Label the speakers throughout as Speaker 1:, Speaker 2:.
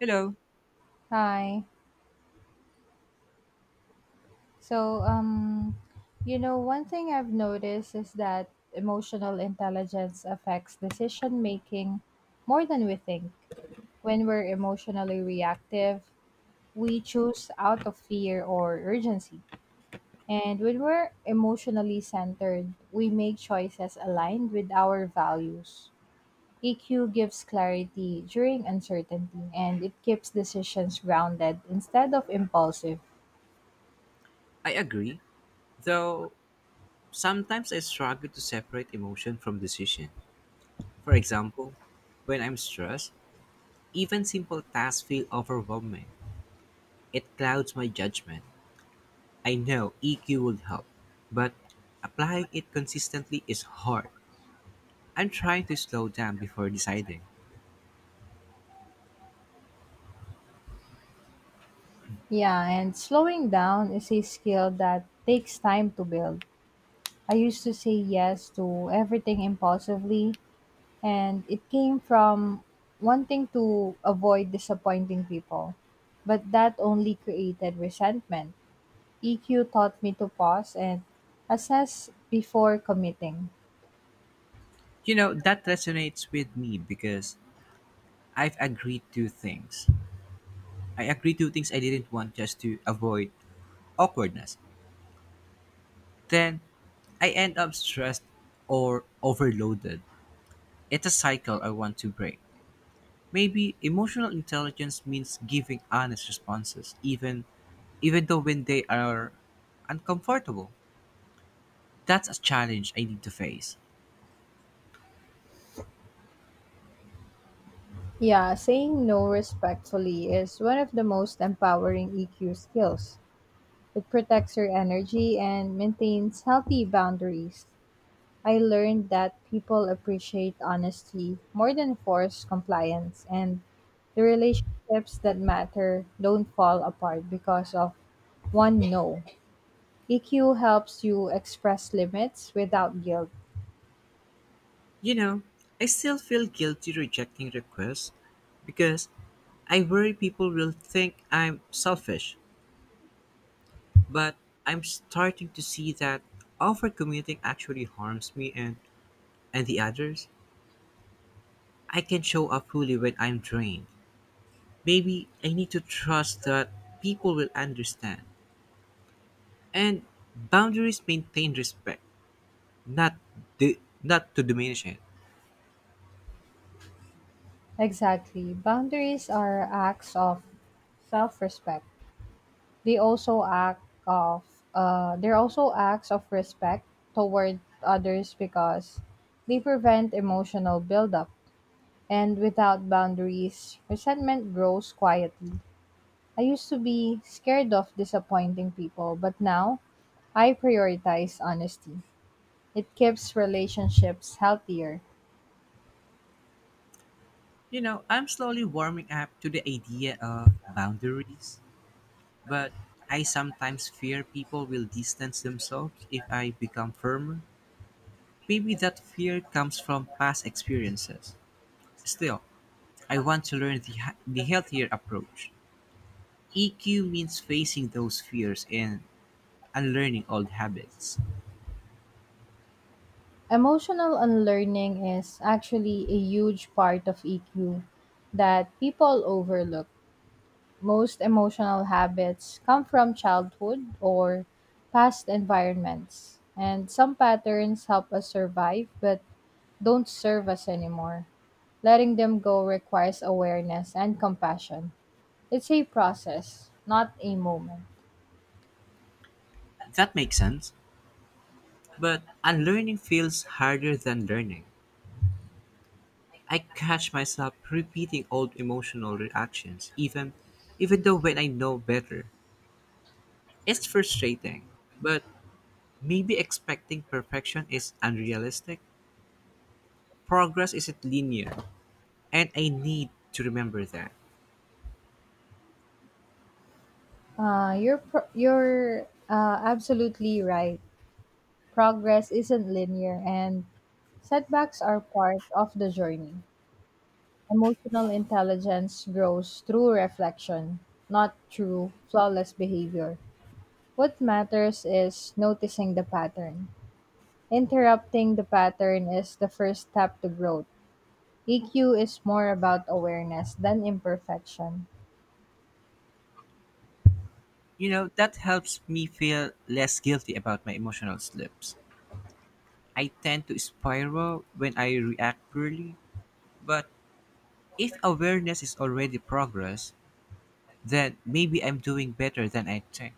Speaker 1: Hello,
Speaker 2: Hi. So, um, One thing I've noticed is that emotional intelligence affects decision making more than we think. When we're emotionally reactive, we choose out of fear or urgency. And when we're emotionally centered, we make choices aligned with our values. EQ gives clarity during uncertainty and it keeps decisions grounded instead of impulsive.
Speaker 1: I agree, though sometimes I struggle to separate emotion from decision. For example, when I'm stressed, even simple tasks feel overwhelming. It clouds my judgment. I know EQ would help, but applying it consistently is hard. I'm trying to slow down before deciding.
Speaker 2: Yeah, and slowing down is a skill that takes time to build. I used to say yes to everything impulsively, and it came from wanting to avoid disappointing people. But that only created resentment. EQ taught me to pause and assess before committing.
Speaker 1: You know, that resonates with me because I've agreed to things. I agreed to things I didn't want just to avoid awkwardness. Then I end up stressed or overloaded. It's a cycle I want to break. Maybe emotional intelligence means giving honest responses, even though when they are uncomfortable. That's a challenge I need to face.
Speaker 2: Yeah, saying no respectfully is one of the most empowering EQ skills. It protects your energy and maintains healthy boundaries. I learned that people appreciate honesty more than forced compliance, and the relationships that matter don't fall apart because of one no. EQ helps you express limits without guilt.
Speaker 1: You know, I still feel guilty rejecting requests because I worry people will think I'm selfish, but I'm starting to see that overcommitting actually harms me and the others. I can show up fully when I'm drained. Maybe I need to trust that people will understand. And boundaries maintain respect, not not to diminish it.
Speaker 2: Exactly. Boundaries are acts of self-respect. They also act of they're also acts of respect toward others because they prevent emotional buildup. And without boundaries, resentment grows quietly. I used to be scared of disappointing people, but now I prioritize honesty. It keeps relationships healthier.
Speaker 1: You know, I'm slowly warming up to the idea of boundaries, but I sometimes fear people will distance themselves if I become firmer. Maybe that fear comes from past experiences. Still, I want to learn the healthier approach. EQ means facing those fears and unlearning old habits.
Speaker 2: Emotional unlearning is actually a huge part of EQ that people overlook. Most emotional habits come from childhood or past environments, and some patterns help us survive but don't serve us anymore. Letting them go requires awareness and compassion. It's a process, not a moment.
Speaker 1: That makes sense. But unlearning feels harder than learning. I catch myself repeating old emotional reactions, even though when I know better. It's frustrating, but maybe expecting perfection is unrealistic. Progress isn't linear, and I need to remember that.
Speaker 2: You're absolutely right. Progress isn't linear, and setbacks are part of the journey. Emotional intelligence grows through reflection, not through flawless behavior. What matters is noticing the pattern. Interrupting the pattern is the first step to growth. EQ is more about awareness than imperfection.
Speaker 1: You know, that helps me feel less guilty about my emotional slips. I tend to spiral when I react poorly, but if awareness is already progress, then maybe I'm doing better than I think.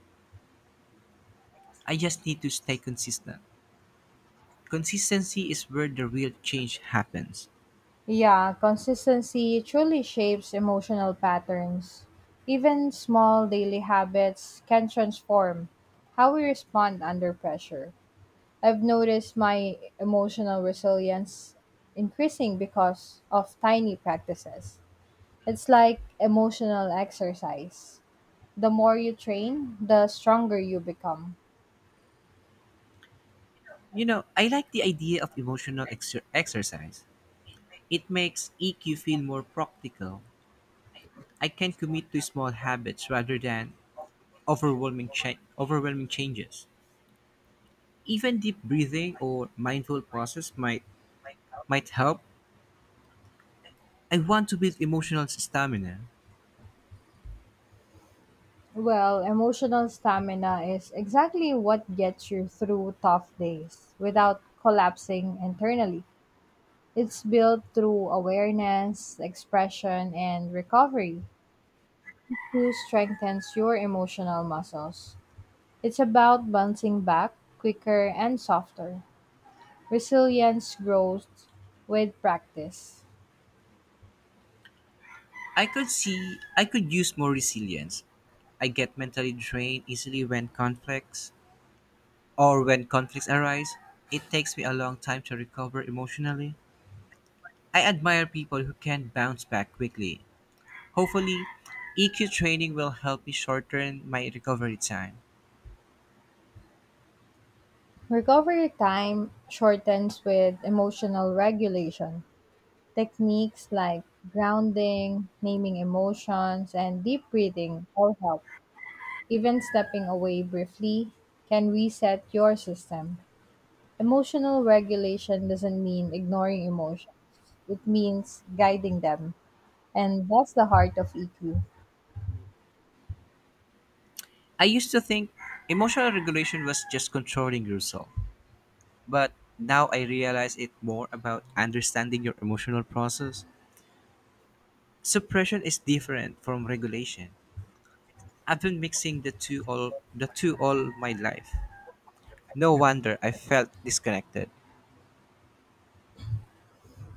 Speaker 1: I just need to stay consistent. Consistency is where the real change happens.
Speaker 2: Yeah, consistency truly shapes emotional patterns. Even small daily habits can transform how we respond under pressure. I've noticed my emotional resilience increasing because of tiny practices. It's like emotional exercise. The more you train, the stronger you become.
Speaker 1: You know, I like the idea of exercise. It makes EQ feel more practical. I can commit to small habits rather than overwhelming changes. Even deep breathing or mindful pauses might help. I want to build emotional stamina.
Speaker 2: Well, emotional stamina is exactly what gets you through tough days without collapsing internally. It's built through awareness, expression, and recovery, who strengthens your emotional muscles. It's about bouncing back quicker and softer. Resilience grows with practice.
Speaker 1: I could use more resilience. I get mentally drained easily when conflicts or when conflicts arise. It takes me a long time to recover emotionally. I admire people who can bounce back quickly. Hopefully, EQ training will help me shorten my recovery time.
Speaker 2: Recovery time shortens with emotional regulation. Techniques like grounding, naming emotions, and deep breathing all help. Even stepping away briefly can reset your system. Emotional regulation doesn't mean ignoring emotions, it means guiding them. And that's the heart of EQ.
Speaker 1: I used to think emotional regulation was just controlling yourself, but now I realize it more about understanding your emotional process. Suppression is different from regulation. I've been mixing the two all my life. No wonder I felt disconnected.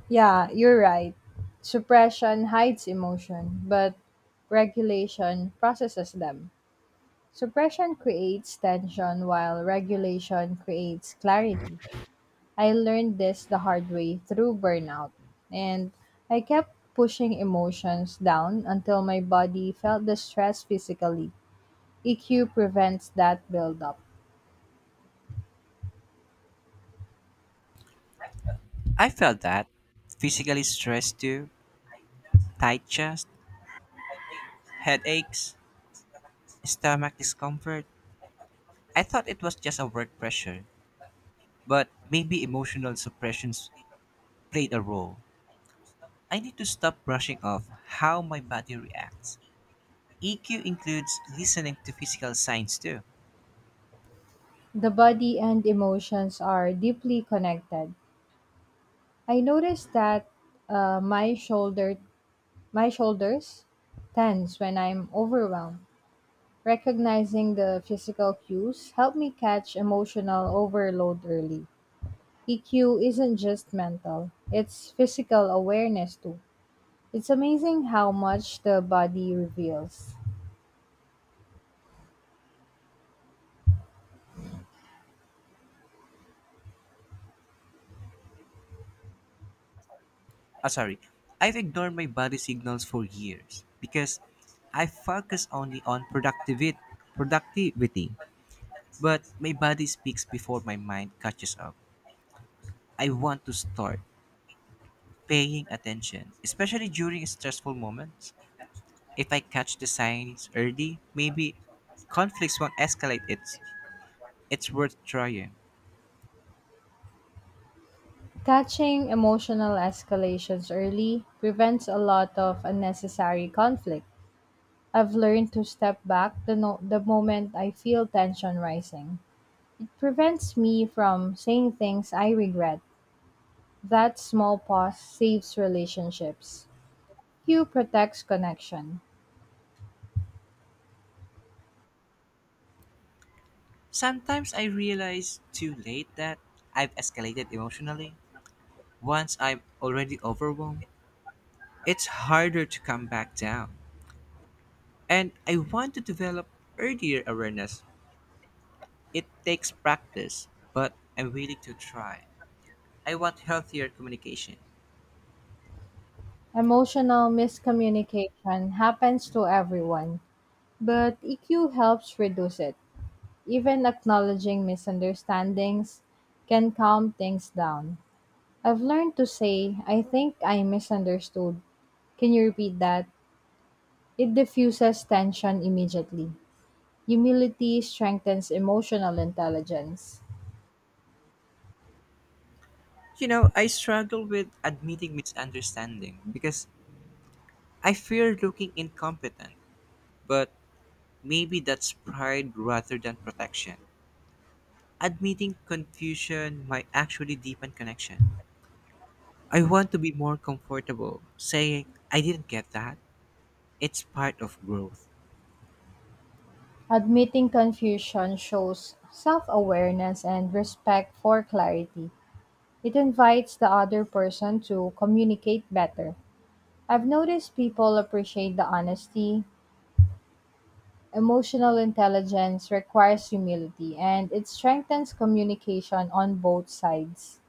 Speaker 2: Yeah, you're right. Suppression hides emotion, but regulation processes them. Suppression creates tension, while regulation creates clarity. I learned this the hard way through burnout, and I kept pushing emotions down until my body felt the stress physically. EQ prevents that buildup.
Speaker 1: I felt that physically stressed too, tight chest, headaches, stomach discomfort. I thought it was just a work pressure, but maybe emotional suppressions played a role. I need to stop brushing off how my body reacts. EQ includes listening to physical signs too.
Speaker 2: The body and emotions are deeply connected. I noticed that uh, my shoulder, my shoulders tense when I'm overwhelmed. Recognizing the physical cues helped me catch emotional overload early. EQ isn't just mental, it's physical awareness too. It's amazing how much the body reveals.
Speaker 1: Ah, sorry. I've ignored my body signals for years because I focus only on productivity. But my body speaks before my mind catches up. I want to start paying attention, especially during stressful moments. If I catch the signs early, maybe conflicts won't escalate. It's worth trying.
Speaker 2: Catching emotional escalations early prevents a lot of unnecessary conflict. I've learned to step back the, no- the moment I feel tension rising. It prevents me from saying things I regret. That small pause saves relationships. Q protects connection.
Speaker 1: Sometimes I realize too late that I've escalated emotionally once I'm already overwhelmed. It's harder to come back down. And I want to develop earlier awareness. It takes practice, but I'm willing to try. I want healthier communication.
Speaker 2: Emotional miscommunication happens to everyone, but EQ helps reduce it. Even acknowledging misunderstandings can calm things down. I've learned to say, I think I misunderstood. Can you repeat that? It diffuses tension immediately. Humility strengthens emotional intelligence.
Speaker 1: You know, I struggle with admitting misunderstanding because I fear looking incompetent, but maybe that's pride rather than protection. Admitting confusion might actually deepen connection. I want to be more comfortable saying, I didn't get that. It's part of growth.
Speaker 2: Admitting confusion shows self awareness and respect for clarity. It invites the other person to communicate better. I've noticed people appreciate the honesty. Emotional intelligence requires humility and it strengthens communication on both sides.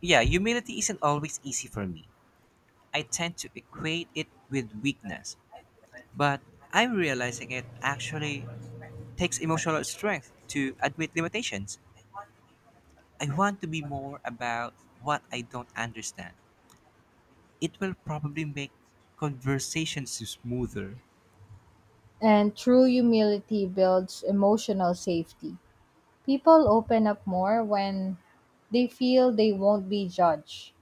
Speaker 1: Yeah, humility isn't always easy for me. I tend to equate it with weakness, but I'm realizing it actually takes emotional strength to admit limitations. I want to be more about what I don't understand. It will probably make conversations smoother.
Speaker 2: And true humility builds emotional safety. People open up more when they feel they won't be judged.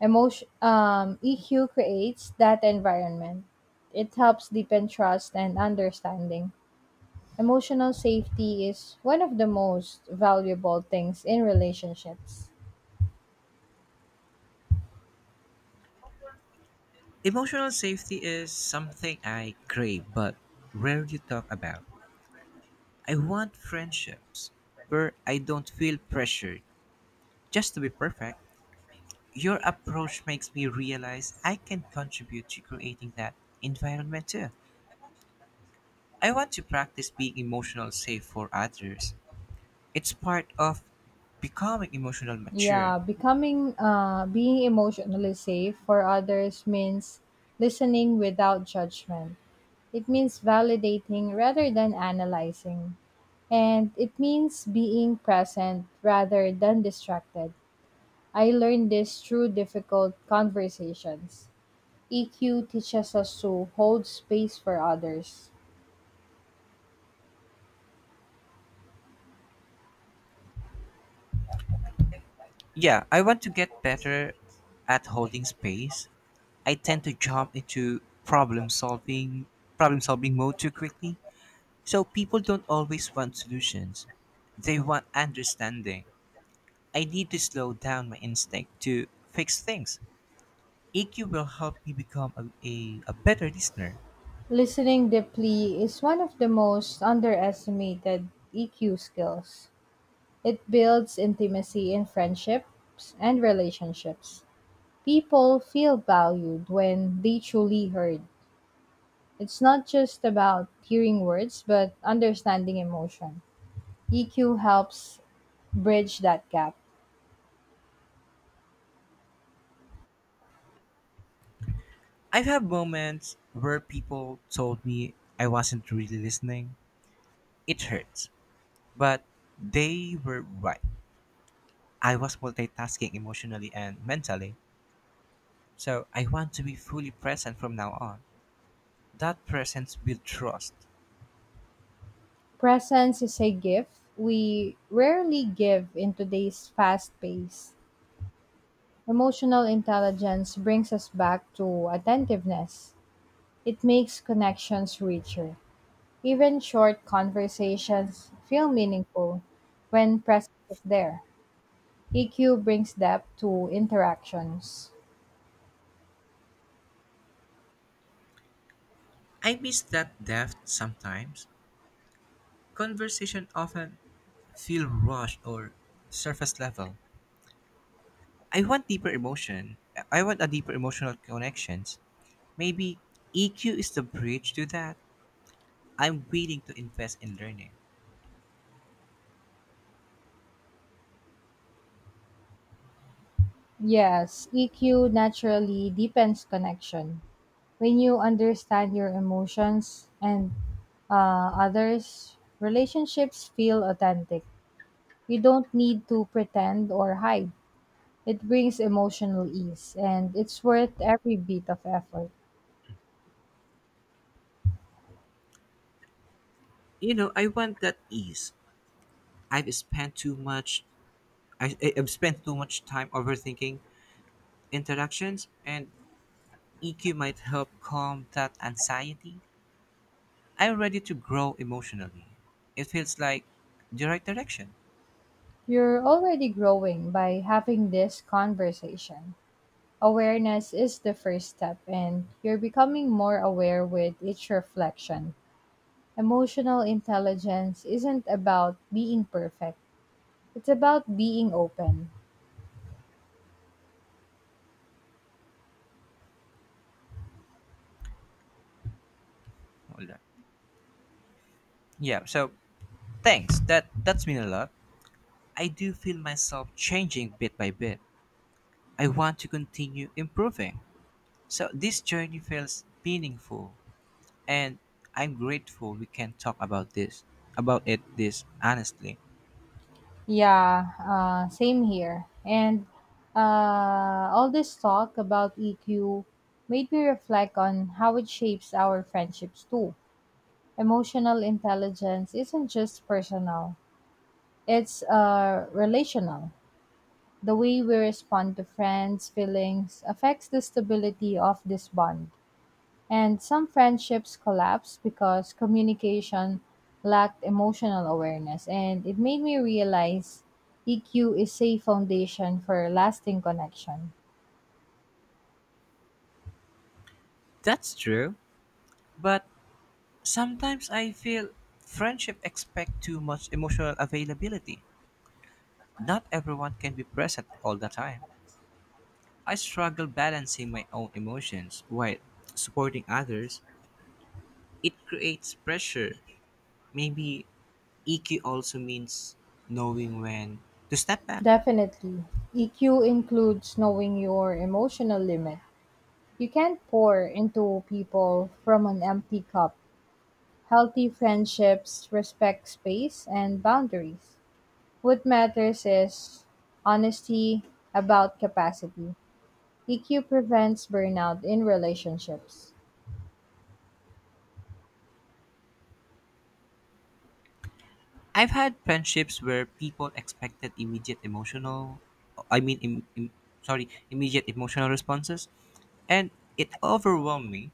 Speaker 2: EQ creates that environment. It helps deepen trust and understanding. Emotional safety is one of the most valuable things in relationships.
Speaker 1: Emotional safety is something I crave but rarely talk about. I want friendships where I don't feel pressured just to be perfect. Your approach makes me realize I can contribute to creating that environment too. I want to practice being emotional safe for others. It's part of becoming emotional mature.
Speaker 2: Yeah, becoming being emotionally safe for others means listening without judgment. It means validating rather than analyzing. And it means being present rather than distracted. I learned this through difficult conversations. EQ teaches us to hold space for others.
Speaker 1: Yeah, I want to get better at holding space. I tend to jump into problem solving mode too quickly. So people don't always want solutions. They want understanding. I need to slow down my instinct to fix things. EQ will help me become a better listener.
Speaker 2: Listening deeply is one of the most underestimated EQ skills. It builds intimacy in friendships and relationships. People feel valued when they truly heard. It's not just about hearing words, but understanding emotion. EQ helps bridge that gap.
Speaker 1: I've had moments where people told me I wasn't really listening. It hurts, but they were right. I was multitasking emotionally and mentally, so I want to be fully present from now on. That presence builds trust.
Speaker 2: Presence is a gift we rarely give in today's fast pace. Emotional intelligence brings us back to attentiveness. It makes connections richer. Even short conversations feel meaningful when presence is there. EQ brings depth to interactions.
Speaker 1: I miss that depth sometimes. Conversation often feel rushed or surface level. I want deeper emotion. I want a deeper emotional connections. Maybe EQ is the bridge to that. I'm willing to invest in learning.
Speaker 2: Yes, EQ naturally deepens connection. When you understand your emotions and others, relationships feel authentic. You don't need to pretend or hide. It brings emotional ease and it's worth every bit of effort.
Speaker 1: You know, I want that ease. I've spent too much I've spent too much time overthinking interactions and EQ might help calm that anxiety. I'm ready to grow emotionally. It feels like the right direction.
Speaker 2: You're already growing by having this conversation. Awareness is the first step, and you're becoming more aware with each reflection. Emotional intelligence isn't about being perfect, it's about being open.
Speaker 1: Hold on. Yeah, so thanks. That's been a lot. I do feel myself changing bit by bit. I want to continue improving. So this journey feels meaningful, and I'm grateful we can talk about about it this honestly.
Speaker 2: Yeah, Same here. And All this talk about EQ made me reflect on how it shapes our friendships too. Emotional intelligence isn't just personal, it's relational. The way we respond to friends' feelings affects the stability of this bond. And some friendships collapse because communication lacked emotional awareness. And it made me realize EQ is a foundation for lasting connection.
Speaker 1: That's true, but sometimes I feel friendship expect too much emotional availability. Not everyone can be present all the time. I struggle balancing my own emotions while supporting others. It creates pressure. Maybe EQ also means knowing when to step back.
Speaker 2: Definitely. EQ includes knowing your emotional limit. You can't pour into people from an empty cup. Healthy friendships respect space and boundaries. What matters is honesty about capacity. EQ prevents burnout in relationships.
Speaker 1: I've had friendships where people expected immediate emotional, I mean, im, im, sorry, immediate emotional responses, and it overwhelmed me.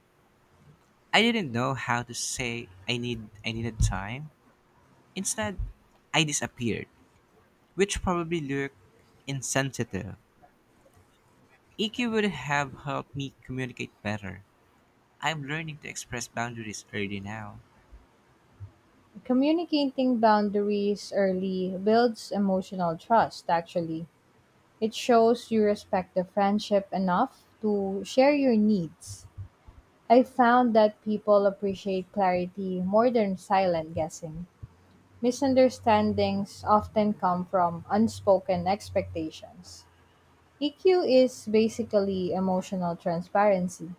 Speaker 1: I didn't know how to say I needed time. Instead, I disappeared, which probably looked insensitive. EQ would have helped me communicate better. I'm learning to express boundaries early now.
Speaker 2: Communicating boundaries early builds emotional trust, actually. It shows you respect the friendship enough to share your needs. I found that people appreciate clarity more than silent guessing. Misunderstandings often come from unspoken expectations. EQ is basically emotional transparency.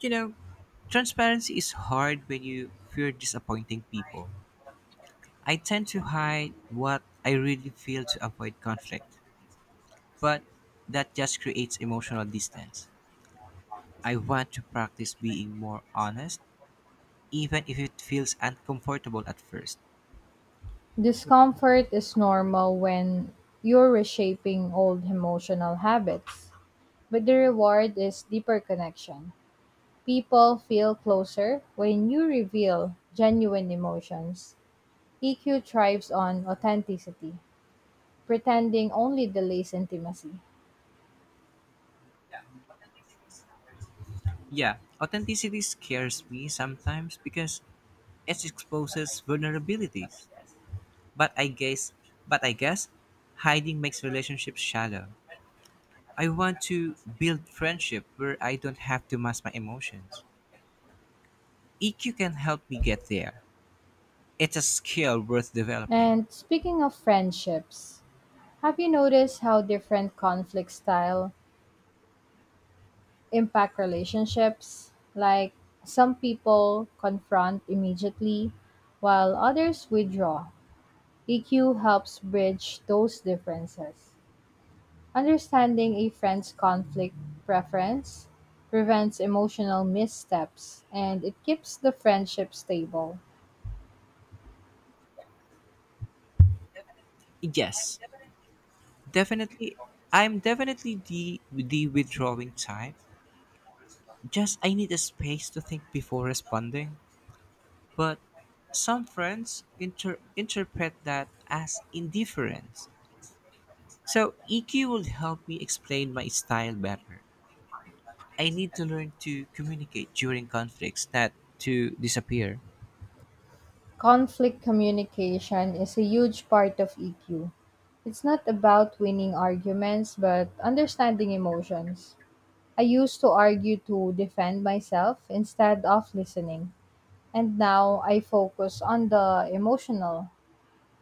Speaker 1: You know, transparency is hard when you fear disappointing people. I tend to hide what I really feel to avoid conflict, but that just creates emotional distance. I want to practice being more honest, even if it feels uncomfortable at first.
Speaker 2: Discomfort is normal when you're reshaping old emotional habits, but the reward is deeper connection. People feel closer when you reveal genuine emotions. EQ thrives on authenticity, pretending only delays intimacy.
Speaker 1: Yeah, authenticity scares me sometimes because it exposes vulnerabilities. But I guess, but I guess, hiding makes relationships shallow. I want to build friendship where I don't have to mask my emotions. EQ can help me get there. It's a skill worth developing.
Speaker 2: And speaking of friendships, have you noticed how different conflict style impact relationships. Like some people confront immediately, while others withdraw. EQ helps bridge those differences. Understanding a friend's conflict preference prevents emotional missteps and it keeps the friendship stable.
Speaker 1: Yes, definitely. I'm definitely the withdrawing type. Just I need a space to think before responding. But some interpret that as indifference. So EQ will help me explain my style better. I need to learn to communicate during conflicts, not to disappear.
Speaker 2: Conflict communication is a huge part of EQ. It's not about winning arguments, but understanding emotions. I used to argue to defend myself instead of listening, and now I focus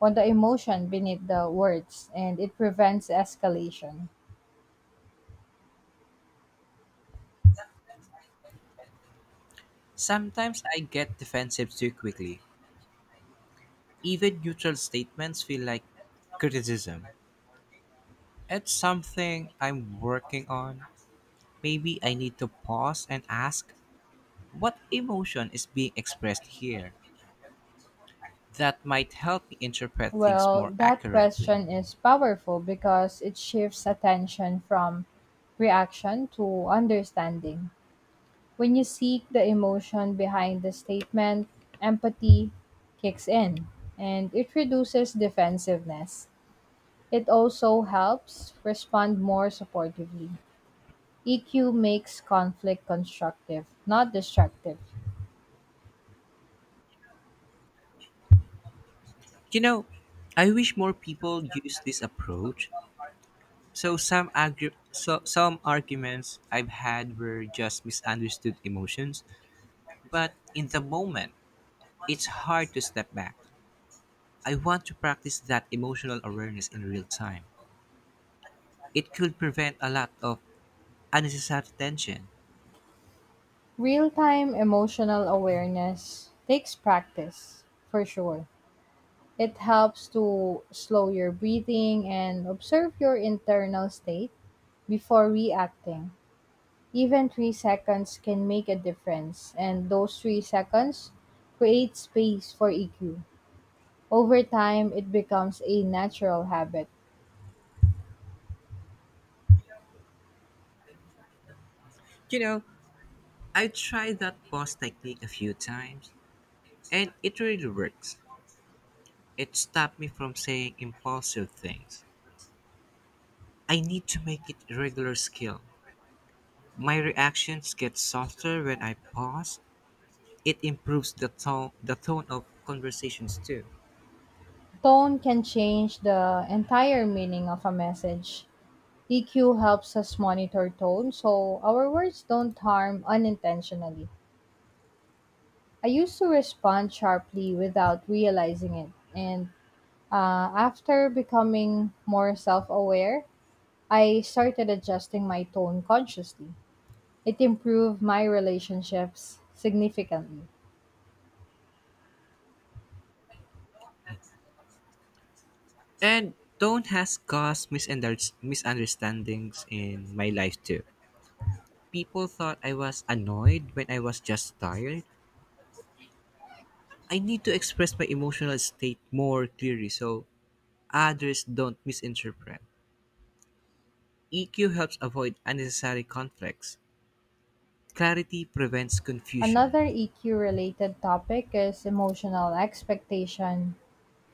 Speaker 2: on the emotion beneath the words, and it prevents escalation.
Speaker 1: Sometimes I get defensive too quickly. Even neutral statements feel like criticism. It's something I'm working on. Maybe I need to pause and ask what emotion is being expressed here. That might help me interpret things
Speaker 2: Well,
Speaker 1: more
Speaker 2: that
Speaker 1: accurately.
Speaker 2: question is powerful because it shifts attention from reaction to understanding. When you seek the emotion behind the statement, empathy kicks in and it reduces defensiveness. It also helps respond more supportively. EQ makes conflict constructive, not destructive.
Speaker 1: You know, I wish more people use this approach. So some arguments I've had were just misunderstood emotions, but in the moment, it's hard to step back. I want to practice that emotional awareness in real time. It could prevent a lot of unnecessary tension.
Speaker 2: Real time emotional awareness takes practice, for sure. It helps to slow your breathing and observe your internal state before reacting. Even 3 seconds can make a difference, and those 3 seconds create space for EQ. Over time, it becomes a natural habit.
Speaker 1: You know, I tried that pause technique a few times, and it really works. It stopped me from saying impulsive things. I need to make it a regular skill. My reactions get softer when I pause. It improves the tone of conversations too.
Speaker 2: Tone can change the entire meaning of a message. EQ helps us monitor tone so our words don't harm unintentionally. I used to respond sharply without realizing it, and after becoming more self aware, I started adjusting my tone consciously. It improved my relationships significantly.
Speaker 1: And tone has caused misunderstandings in my life too. People thought I was annoyed when I was just tired, I need to express my emotional state more clearly so others don't misinterpret. EQ helps avoid unnecessary conflicts. Clarity prevents confusion.
Speaker 2: Another EQ related topic is emotional expectation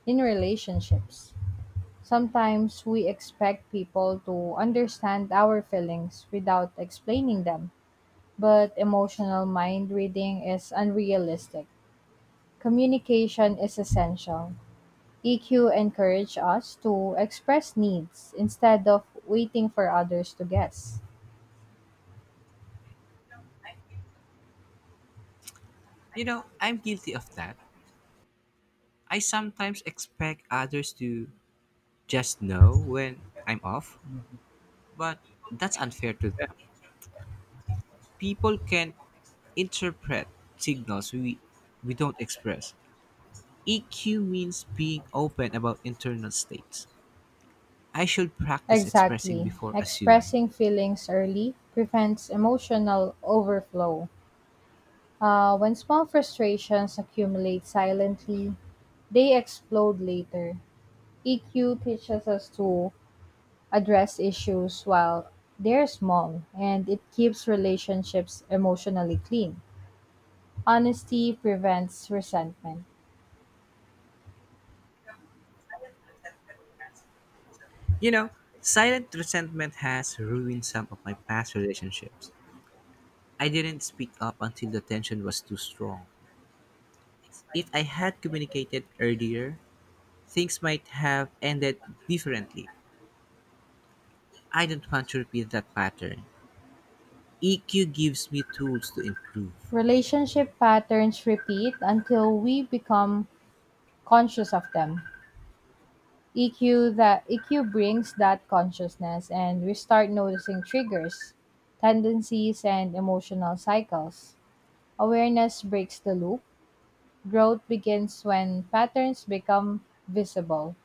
Speaker 2: in relationships. Sometimes we expect people to understand our feelings without explaining them, but emotional mind reading is unrealistic. Communication is essential. EQ encourages us to express needs instead of waiting for others to guess.
Speaker 1: You know, I'm guilty of that. I sometimes expect others to just know when I'm off, but that's unfair to them. People can interpret signals we don't express. EQ means being open about internal states. I should practice expressing
Speaker 2: Exactly.
Speaker 1: before assuming.
Speaker 2: Expressing feelings early prevents emotional overflow. When small frustrations accumulate silently, they explode later. EQ teaches us to address issues while they're small, and it keeps relationships emotionally clean. Honesty prevents resentment.
Speaker 1: You know, silent resentment has ruined some of my past relationships. I didn't speak up until the tension was too strong. If I had communicated earlier, things might have ended differently. I don't want to repeat that pattern. EQ gives me tools to improve.
Speaker 2: Relationship patterns repeat until we become conscious of them. EQ brings that consciousness and we start noticing triggers, tendencies and emotional cycles. Awareness breaks the loop. Growth begins when patterns become visible.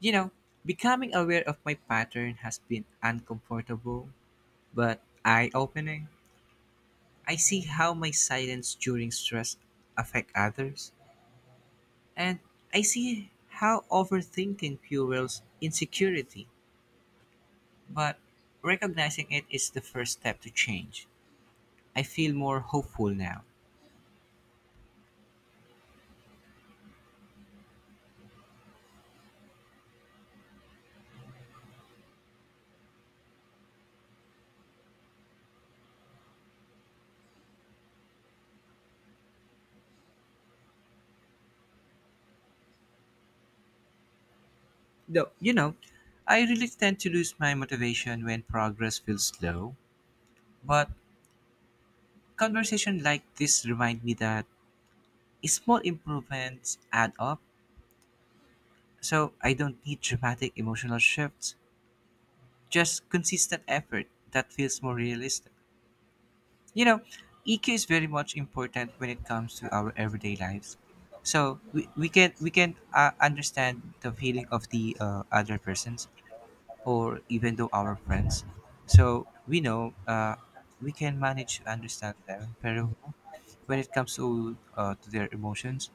Speaker 1: You know, becoming aware of my pattern has been uncomfortable, but eye opening. I see how my silence during stress affect others. And I see how overthinking fuels insecurity, but recognizing it is the first step to change. I feel more hopeful now. Though, you know, I really tend to lose my motivation when progress feels slow, but conversation like this remind me that small improvements add up, so I don't need dramatic emotional shifts, just consistent effort that feels more realistic. You know, EQ is very much important when it comes to our everyday lives. So we can understand the feeling of the other persons or even though our friends. So we know we can manage to understand them very well when it comes to their emotions.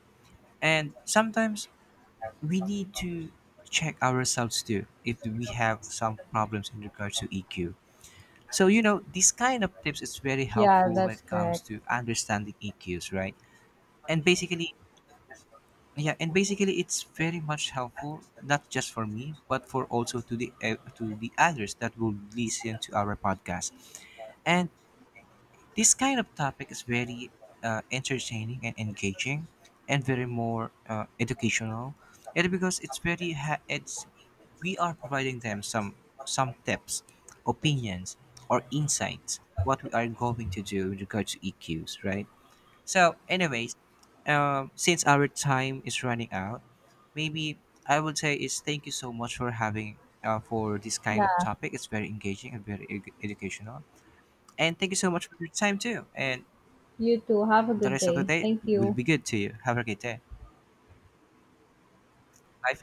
Speaker 1: And sometimes we need to check ourselves too if we have some problems in regards to EQ. So you know, these kind of tips is very
Speaker 2: Yeah,
Speaker 1: helpful when
Speaker 2: that's
Speaker 1: it comes
Speaker 2: correct.
Speaker 1: to understanding EQs, right? And basically, yeah, and basically, it's very much helpful not just for me, but for also to the others that will listen to our podcast. And this kind of topic is very entertaining and engaging, and very more educational. And because it's very ha- it's we are providing them some tips, opinions, or insights what we are going to do with regard to EQs, right? So, anyways, since our time is running out, maybe I would say is thank you so much for having for this kind of
Speaker 2: Yeah,
Speaker 1: topic. It's very engaging and very educational. And thank you so much for your time too. And
Speaker 2: you too. Have a
Speaker 1: the
Speaker 2: good
Speaker 1: rest of the
Speaker 2: day.
Speaker 1: day
Speaker 2: Thank
Speaker 1: will
Speaker 2: you.
Speaker 1: be good to you. Have a great day. Bye for